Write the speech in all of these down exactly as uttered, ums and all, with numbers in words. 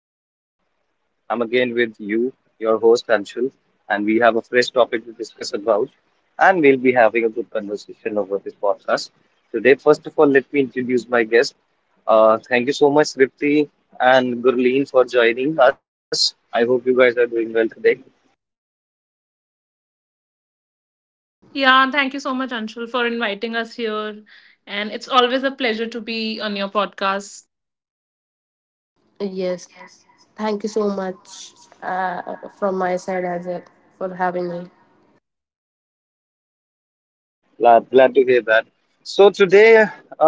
Today, I'm again with you, your host, Anshul, and we have a fresh topic to discuss about, and we'll be having a good conversation over this podcast. Today, first of all, let me introduce my guest. Uh, thank you so much, Ripti and Gurleen, for joining us. I hope you guys are doing well today. Yeah, thank you so much, Anshul, for inviting us here. And it's always a pleasure to be on your podcast. Yes. Thank you so much uh, from my side as well for having me. Glad, glad to hear that. So, today, uh,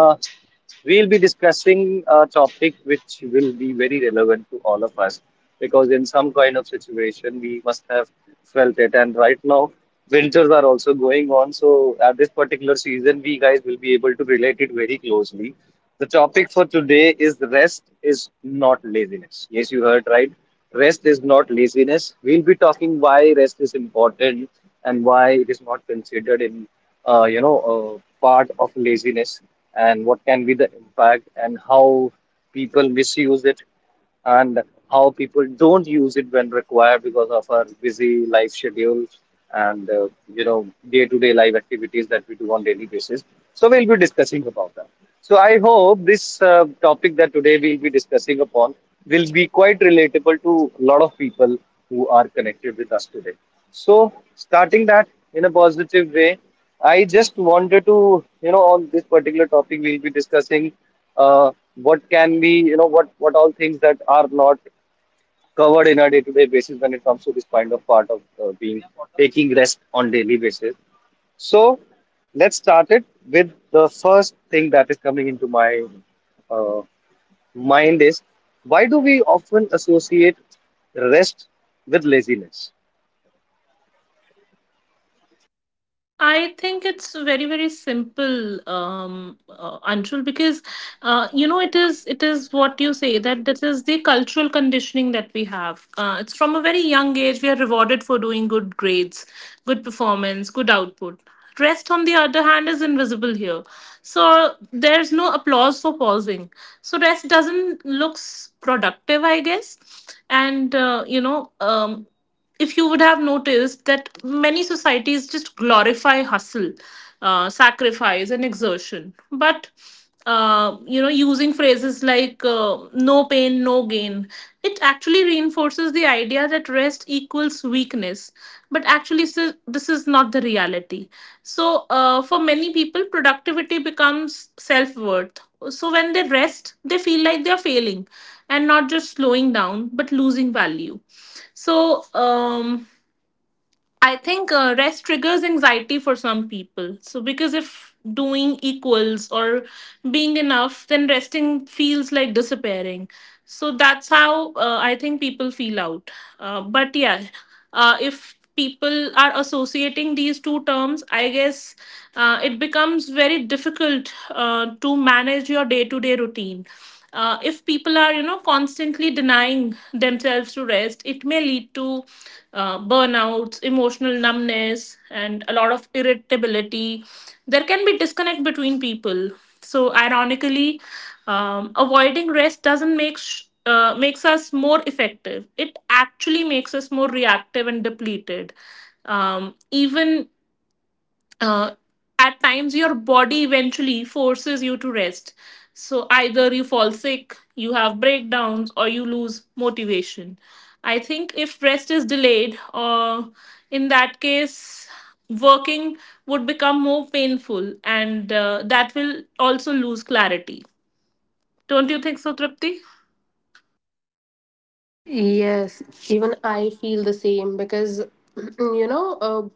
we'll be discussing a topic which will be very relevant to all of us because in some kind of situation we must have felt it. And right now, winters are also going on. So, at this particular season, we guys will be able to relate it very closely. The topic for today is rest is not laziness. Yes, you heard right. Rest is not laziness. We'll be talking why rest is important and why it is not considered in uh, you know, uh, part of laziness, and what can be the impact, and how people misuse it, and how people don't use it when required because of our busy life schedule, and uh, you know day-to-day life activities that we do on daily basis. So we'll be discussing about that. So I hope this uh, topic that today we'll be discussing upon will be quite relatable to a lot of people who are connected with us today. So starting that in a positive way, I just wanted to, you know, on this particular topic, we'll be discussing uh, what can be, you know, what what all things that are not covered in a day-to-day basis when it comes to this kind of part of uh, being taking rest on daily basis. So let's start it with the first thing that is coming into my uh, mind is, why do we often associate rest with laziness? I think it's very very simple, um, uh, Anshul, because uh, you know it is it is what you say that this is the cultural conditioning that we have. Uh, it's from a very young age we are rewarded for doing good grades, good performance, good output. Rest, on the other hand, is invisible here, so there's no applause for pausing. So rest doesn't looks productive, I guess, and uh, you know. Um, if you would have noticed that many societies just glorify hustle, uh, sacrifice, and exertion. But uh, you know, using phrases like uh, "no pain, no gain," it actually reinforces the idea that rest equals weakness. But actually, si- this is not the reality. So, uh, for many people, productivity becomes self worth. So, when they rest, they feel like they are failing and not just slowing down, but losing value. So, um, I think uh, rest triggers anxiety for some people. So, because if doing equals or being enough, then resting feels like disappearing. So, that's how uh, I think people feel out. Uh, but yeah, uh, if people are associating these two terms, I guess uh, it becomes very difficult uh, to manage your day to day routine. Uh, if people are you know constantly denying themselves to rest, it may lead to uh, burnouts, emotional numbness, and a lot of irritability. There can be disconnect between people. So ironically, um, avoiding rest doesn't make sh- uh, makes us more effective. It actually makes us more reactive and depleted. Um, even uh, at times your body eventually forces you to rest. So either you fall sick, you have breakdowns, or you lose motivation. I think if rest is delayed, uh, in that case, working would become more painful and uh, that will also lose clarity. Don't you think so, Tripti? Yes, even I feel the same because you know uh,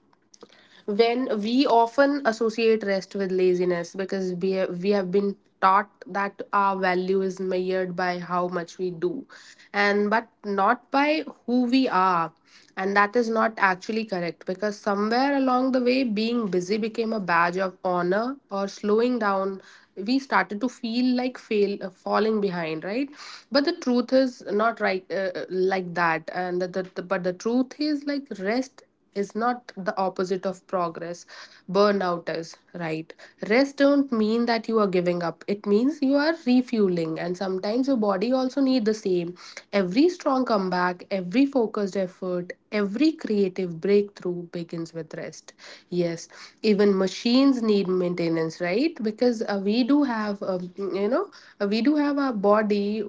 when we often associate rest with laziness because we have, we have been taught that our value is measured by how much we do and but not by who we are, and that is not actually correct because somewhere along the way being busy became a badge of honor or slowing down we started to feel like fail uh, falling behind, right? But the truth is not right uh, uh, like that, and the, the, the- but the truth is like rest is not the opposite of progress. Burnout is, right? Rest don't mean that you are giving up. It means you are refueling, and sometimes your body also need the same. Every strong comeback, every focused effort, every creative breakthrough begins with rest. Yes, even machines need maintenance, right? Because uh, we do have, um, you know, uh, we do have our body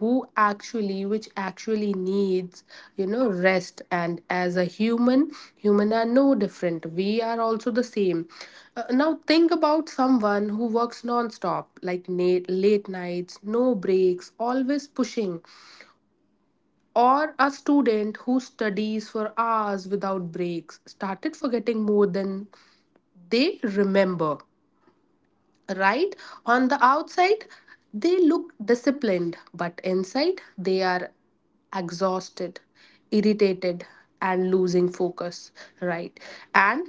who actually which actually needs, you know, rest, and as a human, human are no different, we are also the same. Uh, now think about someone who works non-stop, like na- late nights, no breaks, always pushing, or a student who studies for hours without breaks started forgetting more than they remember, right? On the outside, they look disciplined, but inside, they are exhausted, irritated, and losing focus, right? And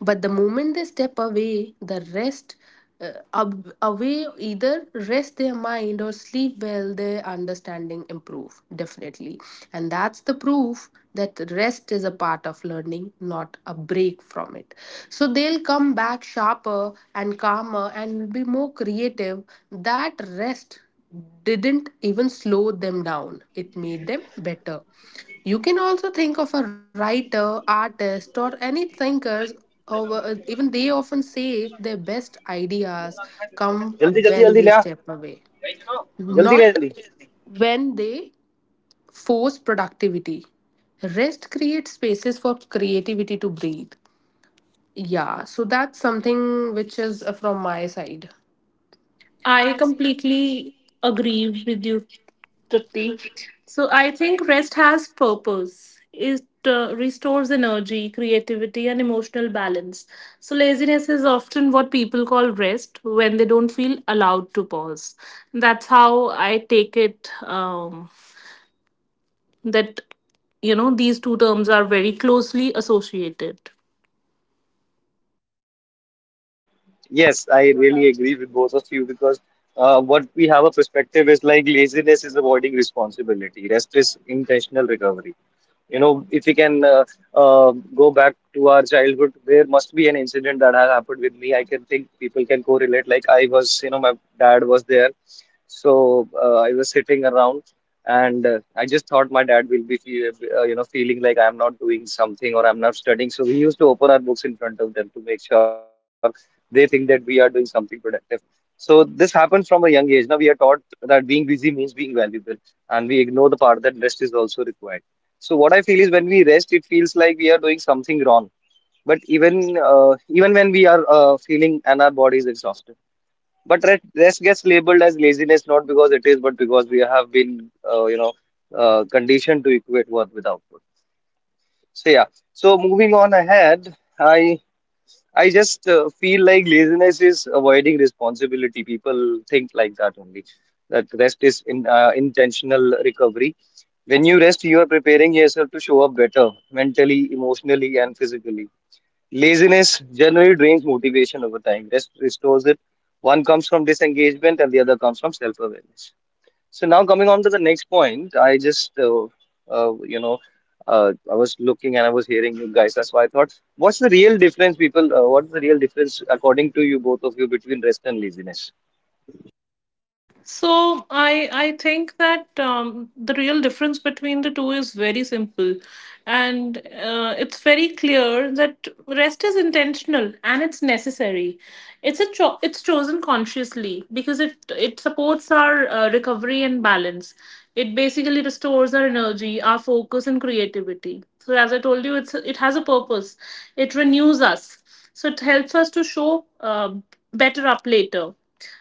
But the moment they step away, the rest uh, ab- away, either rest their mind or sleep well, their understanding improve definitely, and that's the proof that rest is a part of learning, not a break from it. So they'll come back sharper and calmer and be more creative. That rest didn't even slow them down, it made them better. You can also think of a writer, artist, or any thinkers. Over, even they often say their best ideas come जल्दी जल्दी when जल्दी they ले आ, step away, जल्दी ले not जल्दी. when they force productivity. Rest creates spaces for creativity to breathe. Yeah, so that's something which is uh, from my side. I completely agree with you, Trupti. So I think rest has purpose. It uh, restores energy, creativity, and emotional balance. So laziness is often what people call rest when they don't feel allowed to pause. That's how I take it. Um, that you know these two terms are very closely associated. Yes, I really agree with both of you, because uh, what we have a perspective is, like, laziness is avoiding responsibility, rest is intentional recovery. You know, if we can uh, uh, go back to our childhood, there must be an incident that has happened with me. I can think people can correlate. Like, I was, you know, my dad was there, so uh, I was sitting around, and uh, I just thought my dad will be, feel, uh, you know, feeling like I'm not doing something or I'm not studying. So we used to open our books in front of them to make sure they think that we are doing something productive. So this happened from a young age. Now we are taught that being busy means being valuable, and we ignore the part that rest is also required. So what I feel is, when we rest, it feels like we are doing something wrong. But even uh, even when we are uh, feeling and our body is exhausted, but rest, rest gets labeled as laziness, not because it is, but because we have been uh, you know uh, conditioned to equate worth with output. So yeah. So moving on ahead, I I just uh, feel like laziness is avoiding responsibility. People think like that only. That rest is in uh, intentional recovery. When you rest, you are preparing yourself to show up better mentally, emotionally, and physically. Laziness generally drains motivation over time. Rest restores it. One comes from disengagement, and the other comes from self awareness. So, now coming on to the next point, I just, uh, uh, you know, uh, I was looking and I was hearing you guys. That's why I thought, what's the real difference, people? Uh, what's the real difference, according to you, both of you, between rest and laziness? So I I think that um, the real difference between the two is very simple, and uh, it's very clear that rest is intentional and it's necessary. It's a cho- it's chosen consciously because it it supports our uh, recovery and balance. It basically restores our energy, our focus, and creativity. So as I told you, it's it has a purpose. It renews us. So it helps us to show uh, better up later,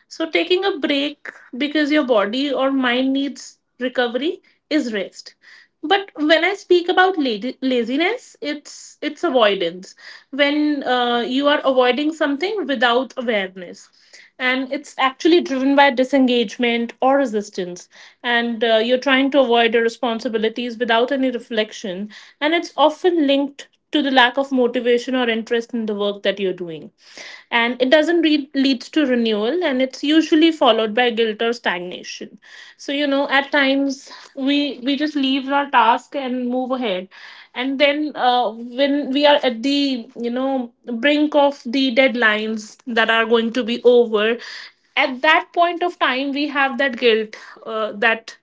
so taking a break because your body or mind needs recovery is rest. But when I speak about lady- laziness, it's it's avoidance. When uh, you are avoiding something without awareness, and it's actually driven by disengagement or resistance, and uh, you're trying to avoid your responsibilities without any reflection, and it's often linked to the lack of motivation or interest in the work that you're doing. And it doesn't re- leads to renewal, and it's usually followed by guilt or stagnation. So, you know, at times we we just leave our task and move ahead. And then uh, when we are at the, you know, brink of the deadlines that are going to be over, at that point of time we have that guilt uh, that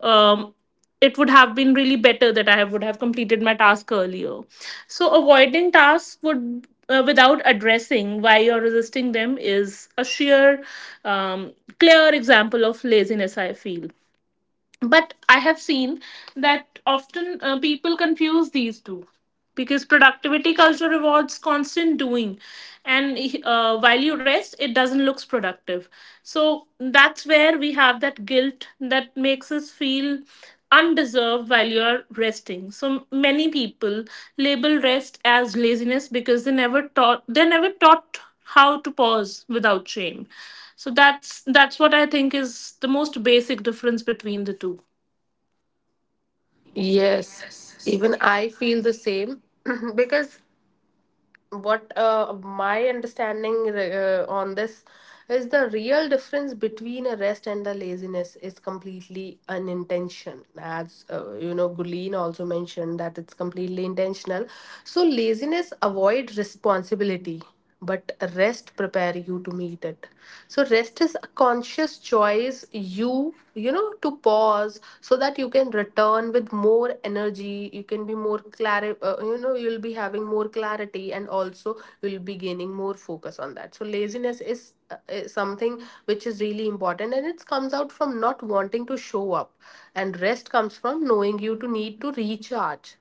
um it would have been really better that I would have completed my task earlier. So avoiding tasks would uh, without addressing why you're resisting them is a sheer um, clear example of laziness, I feel. But I have seen that often uh, people confuse these two because productivity culture rewards constant doing, and uh, while you rest it doesn't looks productive. So that's where we have that guilt that makes us feel undeserved while you're resting. So many people label rest as laziness because they never taught they never taught how to pause without shame. So that's that's what I think is the most basic difference between the two. Yes, even I feel the same because what uh, my understanding uh, on this is the real difference between a rest and a laziness is completely an intention. As, uh, you know, Guleen also mentioned, that it's completely intentional. So laziness avoid responsibility, but rest prepare you to meet it. So rest is a conscious choice you you know, to pause so that you can return with more energy, you can be more clear, uh, you know, you'll be having more clarity, and also you'll be gaining more focus on that. So laziness is, uh, is something which is really important, and it comes out from not wanting to show up, and rest comes from knowing you to need to recharge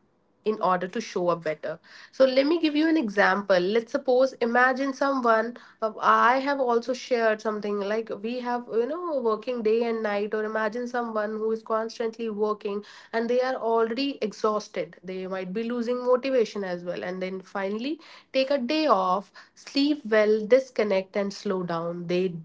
in order to show up better. So let me give you an example. Let's suppose, imagine someone, uh, I have also shared something like we have, you know, working day and night, or imagine someone who is constantly working and they are already exhausted. They might be losing motivation as well, and then finally take a day off, sleep well, disconnect and slow down. They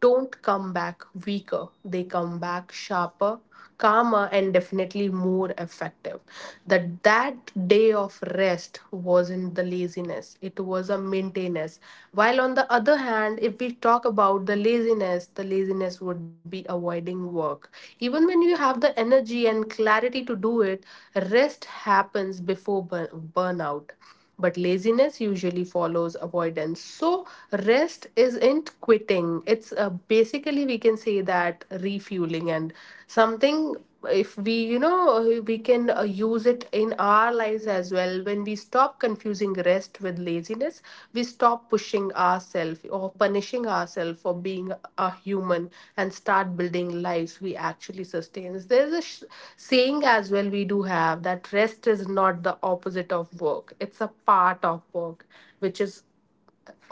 don't come back weaker. They come back sharper, calmer, and definitely more effective. That that day of rest wasn't the laziness, it was a maintenance. While on the other hand, if we talk about the laziness, the laziness would be avoiding work even when you have the energy and clarity to do it. Rest happens before burn- burnout, but laziness usually follows avoidance. So rest isn't quitting, it's uh, basically we can say that refueling. And something, if we, you know, we can uh, use it in our lives as well. When we stop confusing rest with laziness, we stop pushing ourselves or punishing ourselves for being a human, and start building lives we actually sustain. There's a sh- saying as well we do have, that rest is not the opposite of work, it's a part of work, which is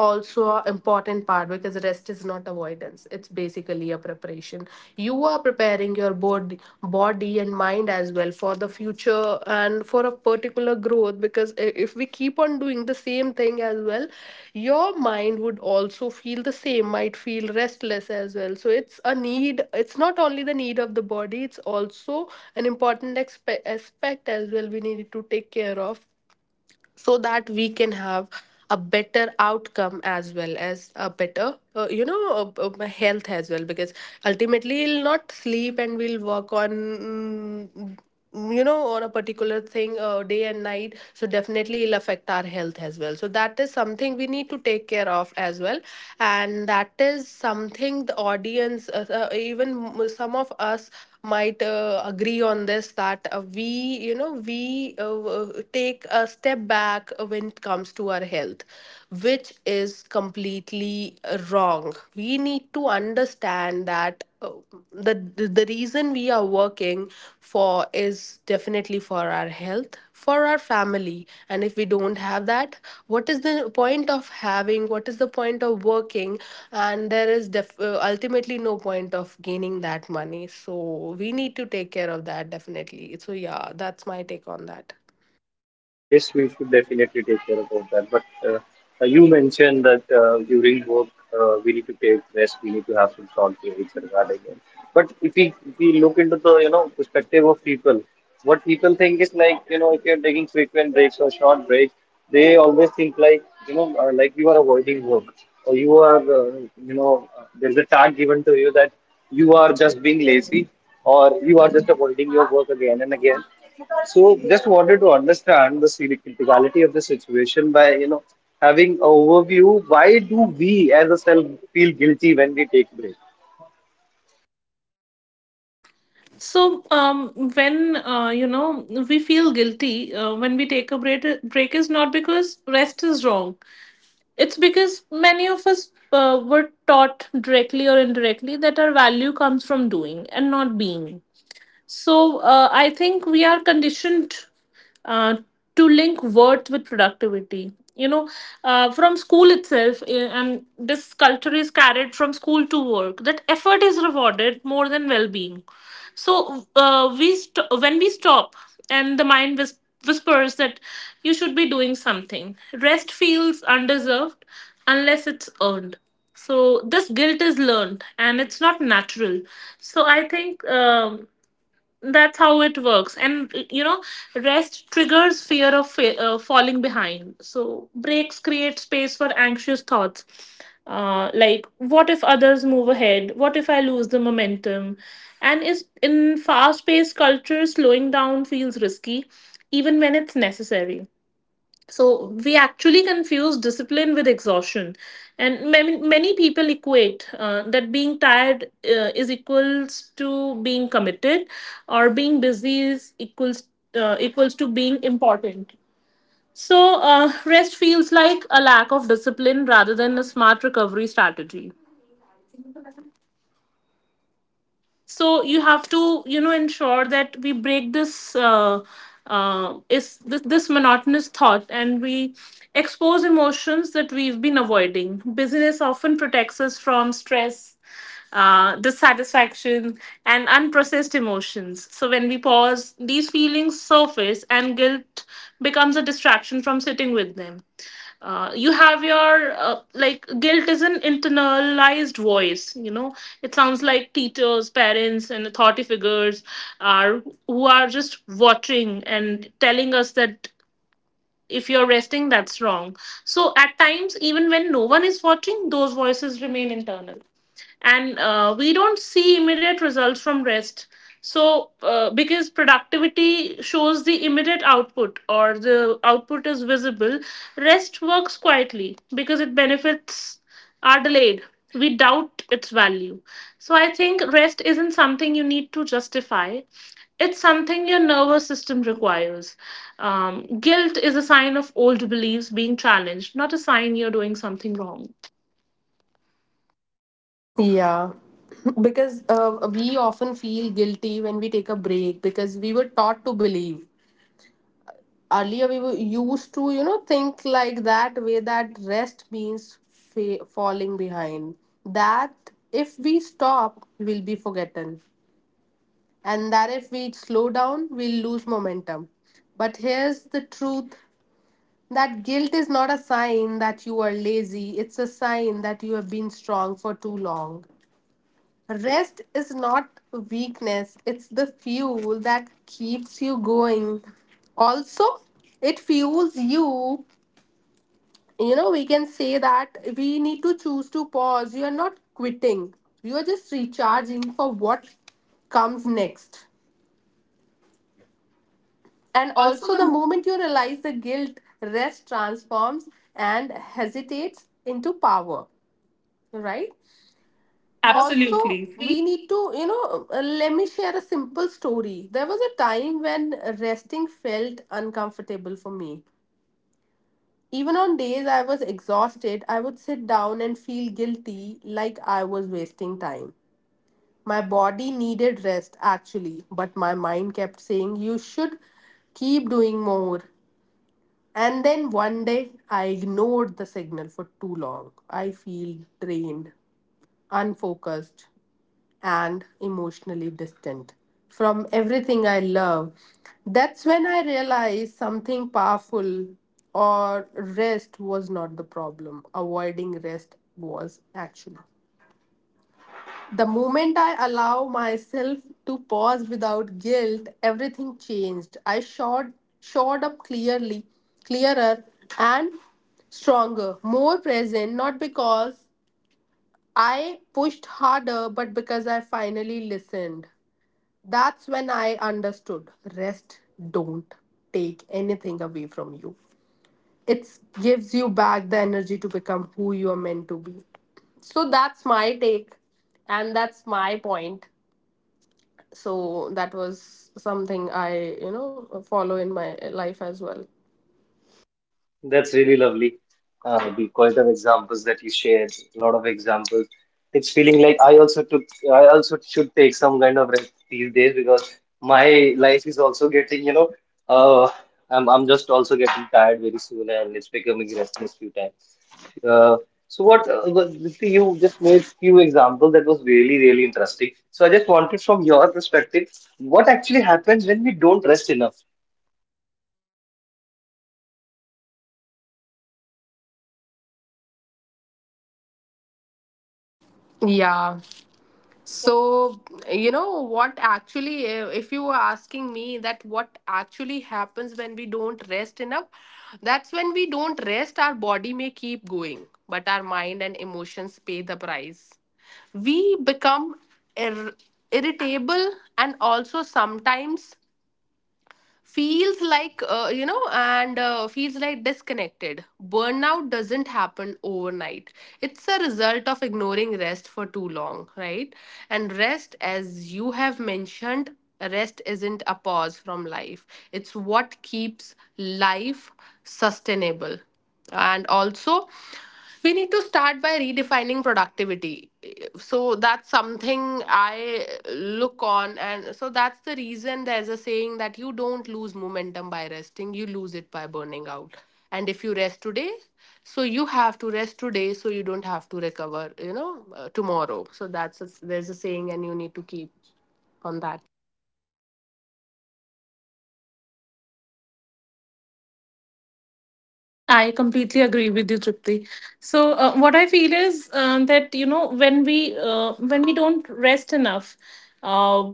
also an important part, because rest is not avoidance, it's basically a preparation. You are preparing your bod- body and mind as well for the future and for a particular growth. Because i- if we keep on doing the same thing as well, your mind would also feel the same, might feel restless as well. So it's a need, it's not only the need of the body, it's also an important expe- aspect as well we need to take care of, so that we can have a better outcome as well as a better, uh, you know uh, uh, health as well, because ultimately we'll not sleep and we'll work on, mm, you know on a particular thing uh, day and night, so definitely it'll affect our health as well. So that is something we need to take care of as well, and that is something the audience, uh, uh, even m- some of us might uh, agree on, this that uh, we, you know, we uh, w- take a step back when it comes to our health, which is completely uh, wrong. We need to understand that, uh, the the the reason we are working for is is definitely for our health, for our family. And if we don't have that, what is the point of having? What is the point of working? And there is def- uh, ultimately no point of gaining that money. So we need to take care of that definitely. So, yeah, that's my take on that. Yes, we should definitely take care about that. But uh, uh, you mentioned that uh, during work, uh, we need to take rest, we need to have some thought to each other regarding it. But if we if we look into the, you know, perspective of people, what people think is, like you know if you're taking frequent breaks or short breaks, they always think like, you know, uh, like, you are avoiding work or you are uh, you know uh, there's a tag given to you that you are just being lazy or you are just avoiding your work again and again. So just wanted to understand the serious criticality of the situation by, you know, having an overview. Why do we, as a self, feel guilty when we take breaks? So um, when uh, you know we feel guilty uh, when we take a break, break is not because rest is wrong. It's because many of us uh, were taught directly or indirectly that our value comes from doing and not being. So uh, I think we are conditioned uh, to link worth with productivity. You know, uh, from school itself, eh, and this culture is carried from school to work, that effort is rewarded more than well-being. So uh, we st- when we stop, and the mind whis- whispers that you should be doing something. Rest feels undeserved unless it's earned. So this guilt is learned and it's not natural. So I think. Um, that's how it works. And uh, you know, rest triggers fear of fa- uh, falling behind. So breaks create space for anxious thoughts. Uh, like, what if others move ahead? What if I lose the momentum? And is in fast-paced culture, slowing down feels risky, even when it's necessary. So we actually confuse discipline with exhaustion, and many many people equate uh, that being tired uh, is equals to being committed, or being busy is equals uh, equals to being important. So uh, rest feels like a lack of discipline rather than a smart recovery strategy. So you have to you know ensure that we break this uh, uh, is this, this monotonous thought, and we expose emotions that we've been avoiding. Busyness often protects us from stress, uh, dissatisfaction, and unprocessed emotions. So when we pause, these feelings surface and guilt becomes a distraction from sitting with them. Uh, you have your uh, like Guilt is an internalized voice, you know. It sounds like teachers, parents, and authority figures are who are just watching and telling us that if you're resting, that's wrong. So at times, even when no one is watching, those voices remain internal. And uh, we don't see immediate results from rest. So uh, because productivity shows the immediate output, or the output is visible, rest works quietly. Because it benefits are delayed, we doubt its value. So I think rest isn't something you need to justify. It's something your nervous system requires. Um, guilt is a sign of old beliefs being challenged, not a sign you're doing something wrong. Yeah, because uh, we often feel guilty when we take a break because we were taught to believe, earlier we were used to, you know, think like that way, that rest means fa- falling behind, that if we stop we'll be forgotten, and that if we slow down we'll lose momentum. But here's the truth, that guilt is not a sign that you are lazy, it's a sign that you have been strong for too long. Rest is not weakness, it's the fuel that keeps you going. Also, it fuels you, you know, we can say that. We need to choose to pause, you are not quitting, you are just recharging for what comes next. And And also also the the moment you realize the guilt, rest transforms and hesitates into power, right? Also, Absolutely. we need to, you know, uh, let me share a simple story. There was a time when resting felt uncomfortable for me. Even on days I was exhausted, I would sit down and feel guilty like I was wasting time. My body needed rest actually, but my mind kept saying, "You should keep doing more." And then one day I ignored the signal for too long. I feel drained, unfocused, and emotionally distant from everything I love. That's when I realized something powerful, or rest was not the problem. Avoiding rest was actually. The moment I allow myself to pause without guilt, everything changed. I showed showed up clearly, clearer and stronger, more present, not because I pushed harder, but because I finally listened. That's when I understood rest don't take anything away from you. It gives you back the energy to become who you are meant to be. So that's my take, and that's my point. So that was something I, you know, follow in my life as well. That's really lovely. Uh, the quality of examples that you shared, a lot of examples. It's feeling like I also took, I also should take some kind of rest these days, because my life is also getting, you know, uh, I'm I'm just also getting tired very soon and it's becoming restless few times. Uh, so what, uh, what- Dipti, you just made few examples that was really really interesting. So I just wanted, from your perspective, what actually happens when we don't rest enough? Yeah. So, you know, what actually, uh, if you were asking me that what actually happens when we don't rest enough, that's when we don't rest, our body may keep going, but our mind and emotions pay the price. We become ir- irritable, and also sometimes feels like, uh, you know and uh, feels like disconnected. Burnout doesn't happen overnight, it's a result of ignoring rest for too long, right? And rest, as you have mentioned, rest isn't a pause from life, it's what keeps life sustainable. And also, we need to start by redefining productivity. So that's something I look on, and so that's the reason there's a saying that you don't lose momentum by resting, you lose it by burning out. And if you rest today, so you have to rest today, so you don't have to recover, you know, uh, tomorrow. So that's a, there's a saying, and you need to keep on that. I completely agree with you, Tripti. So uh, what I feel is uh, that you know when we uh, when we don't rest enough, uh,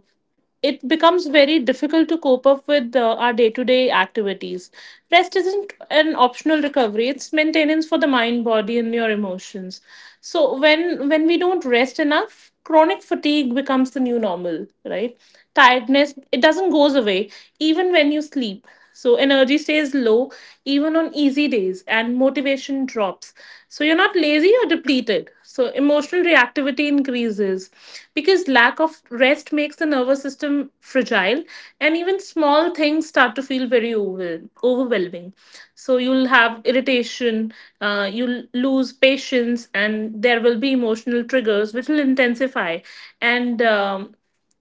it becomes very difficult to cope up with uh, our day-to-day activities. Rest isn't an optional recovery; it's maintenance for the mind, body, and your emotions. So when when we don't rest enough, chronic fatigue becomes the new normal, right? Tiredness it doesn't goes away even when you sleep. So energy stays low even on easy days and motivation drops. So you're not lazy or depleted. So emotional reactivity increases because lack of rest makes the nervous system fragile, and even small things start to feel very overwhel- overwhelming. So you'll have irritation, uh, you'll lose patience, and there will be emotional triggers which will intensify. And um,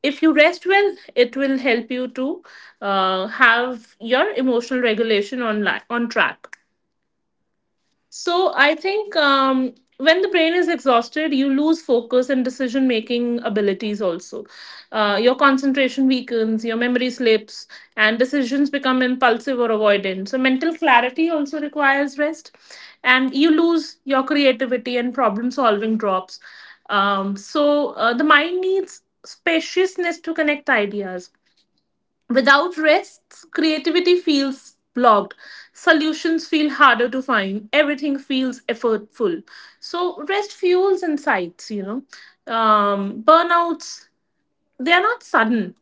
if you rest well, it will help you to uh, have your emotional regulation on li- on track. So I think um, when the brain is exhausted, you lose focus and decision making abilities also. Uh, your concentration weakens, your memory slips, and decisions become impulsive or avoidant. So mental clarity also requires rest, and you lose your creativity and problem solving drops. Um, so uh, the mind needs spaciousness to connect ideas. Without rest, creativity feels blocked. Solutions feel harder to find. Everything feels effortful. So rest fuels insights, you know. Um, burnouts, they're not sudden,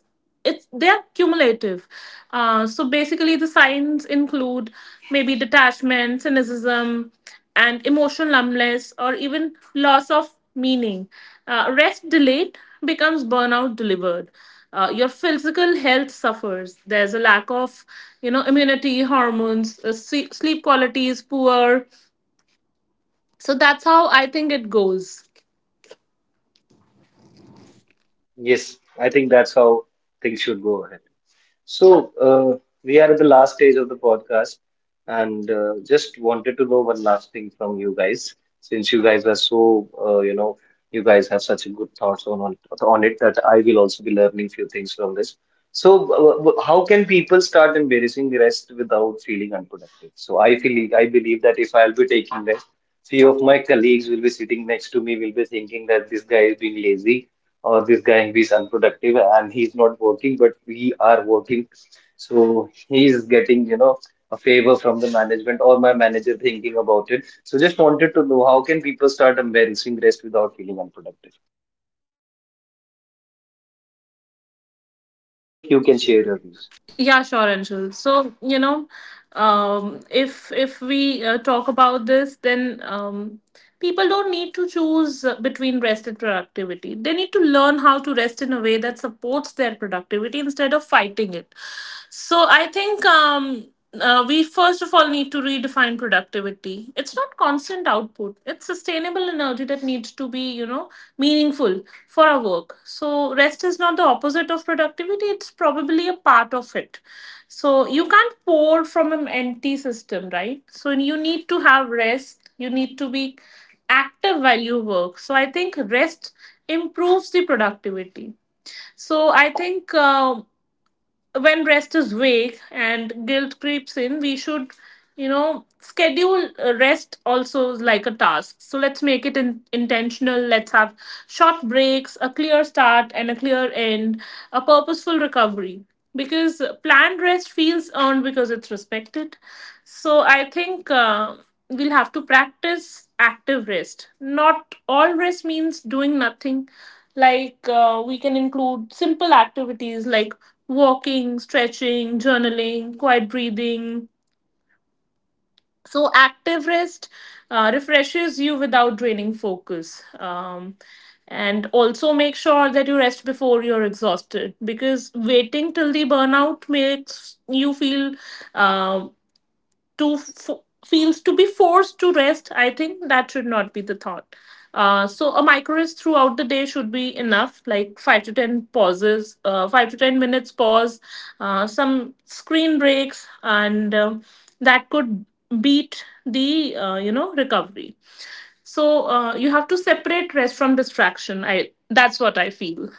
it's they're cumulative. Uh, so basically the signs include maybe detachment, cynicism, and emotional numbness, or even loss of meaning. Uh, rest delayed becomes burnout delivered. Uh, your physical health suffers. There's a lack of, you know, immunity, hormones, uh, sle- sleep quality is poor. So that's how I think it goes. Yes, I think that's how things should go ahead. So, uh, we are at the last stage of the podcast, and uh, just wanted to know one last thing from you guys, since you guys are so, uh, you know, you guys have such a good thoughts on on, on it, that I will also be learning few things from this. So, w- w- how can people start embarrassing the rest without feeling unproductive? So, I feel, I believe, that if I'll be taking rest, few of my colleagues will be sitting next to me, will be thinking that this guy is being lazy or this guy is unproductive and he's not working, but we are working. So he is getting, you know, a favor from the management or my manager thinking about it. So just wanted to know, how can people start embracing rest without feeling unproductive? Any of you can share your views. Yeah, sure, Anshul. So, you know, um, if if we uh, talk about this, then um, people don't need to choose uh, between rest and productivity. They need to learn how to rest in a way that supports their productivity instead of fighting it. So, I think um, uh, we first of all need to redefine productivity. It's not constant output; it's sustainable energy that needs to be, you know, meaningful for our work. So, rest is not the opposite of productivity, it's probably a part of it. So, you can't pour from an empty system, right? So, you need to have rest, you need to be active while you work. So, I think rest improves the productivity. So, I think. Um when rest is vague and guilt creeps in, we should, you know, schedule uh, rest also like a task. So let's make it in- intentional. Let's have short breaks, a clear start and a clear end, a purposeful recovery. Because planned rest feels earned because it's respected. So I think uh, we'll have to practice active rest. Not all rest means doing nothing. Like uh, we can include simple activities like walking, stretching, journaling, quiet breathing. So, active rest uh, refreshes you without draining focus. Um, and also make sure that you rest before you're exhausted, because waiting till the burnout makes you feel um to f- feels to be forced to rest, I think that should not be the thought. Uh, so a micro rest throughout the day should be enough, like five to ten pauses, uh, five to ten minutes pause, uh, some screen breaks, and um that could beat the uh, you know recovery. So uh, you have to separate rest from distraction I that's what I feel.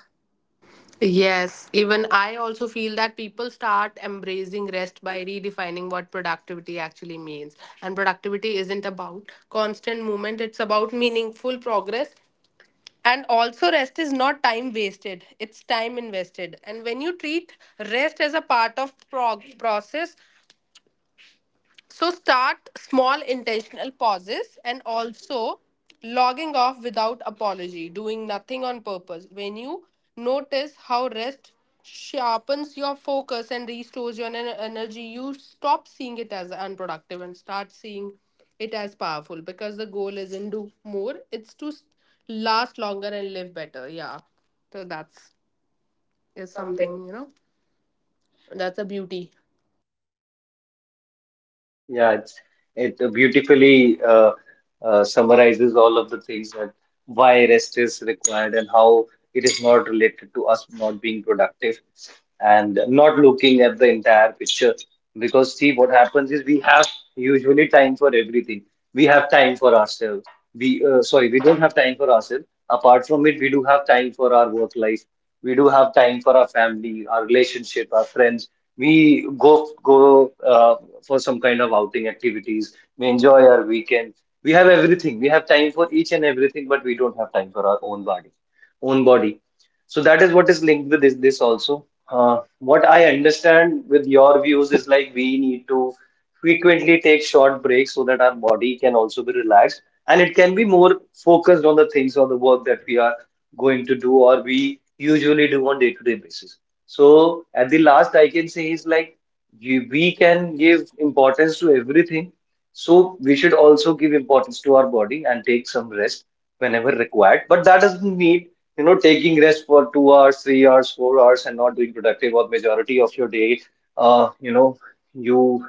Yes, even I also feel that people start embracing rest by redefining what productivity actually means. And productivity isn't about constant movement, it's about meaningful progress. And also, rest is not time wasted, it's time invested. And when you treat rest as a part of prog- process, so start small intentional pauses, and also logging off without apology, doing nothing on purpose. When you notice how rest sharpens your focus and restores your ener- energy, you stop seeing it as unproductive and start seeing it as powerful, because the goal isn't do more, it's to s- last longer and live better. Yeah. So that's is something, you know, that's a beauty. Yeah, it's, it beautifully uh, uh, summarizes all of the things that why rest is required and how it is not related to us not being productive and not looking at the entire picture. Because see, what happens is we have usually time for everything. We have time for ourselves. We, uh, sorry, we don't have time for ourselves. Apart from it, we do have time for our work life. We do have time for our family, our relationship, our friends, we go go uh, for some kind of outing activities. We enjoy our weekend. We have everything. We have time for each and everything, but we don't have time for our own body, own body. So that is what is linked with this, this also. Uh, what I understand with your views is, like, we need to frequently take short breaks so that our body can also be relaxed and it can be more focused on the things or the work that we are going to do or we usually do on day-to-day basis. So at the last, I can say is, like, we, we can give importance to everything. So we should also give importance to our body and take some rest whenever required. But that doesn't mean, you know, taking rest for two hours, three hours, four hours, and not doing productive or majority of your day. Uh, you know, you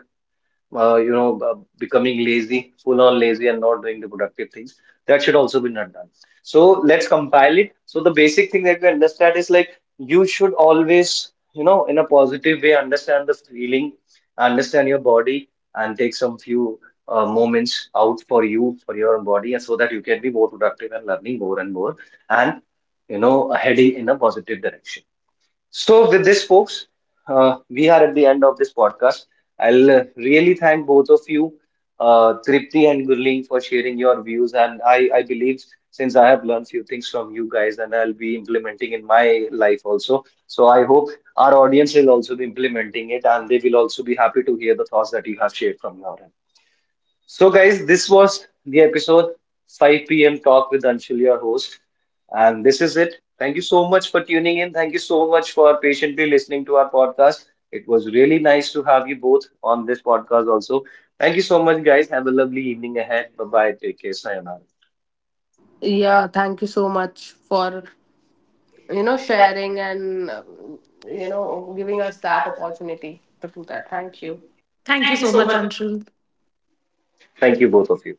uh, you know, uh, Becoming lazy, full on lazy, and not doing the productive things. That should also be not done. So let's compile it. So the basic thing that we understand is, like, you should always, you know, in a positive way, understand the feeling, understand your body, and take some few uh, moments out for you, for your body, and so that you can be more productive and learning more and more, and, you know, heading in a positive direction. So, with this, folks, uh, we are at the end of this podcast. I'll uh, really thank both of you, uh, Tripti and Gurleen, for sharing your views. And I, I believe, since I have learned few things from you guys, and I'll be implementing in my life also. So, I hope our audience will also be implementing it, and they will also be happy to hear the thoughts that you have shared from now on. So, guys, this was the episode five p m. Talk with Anshul, your host. And this is it. Thank you so much for tuning in. Thank you so much for patiently listening to our podcast. It was really nice to have you both on this podcast also. Thank you so much, guys. Have a lovely evening ahead. Bye bye. Take care. Sayonara. Yeah, thank you so much for, you know, sharing, and um, you know, giving us that opportunity to do that. Thank you. Thank you so much, Anshul. Thank you, both of you.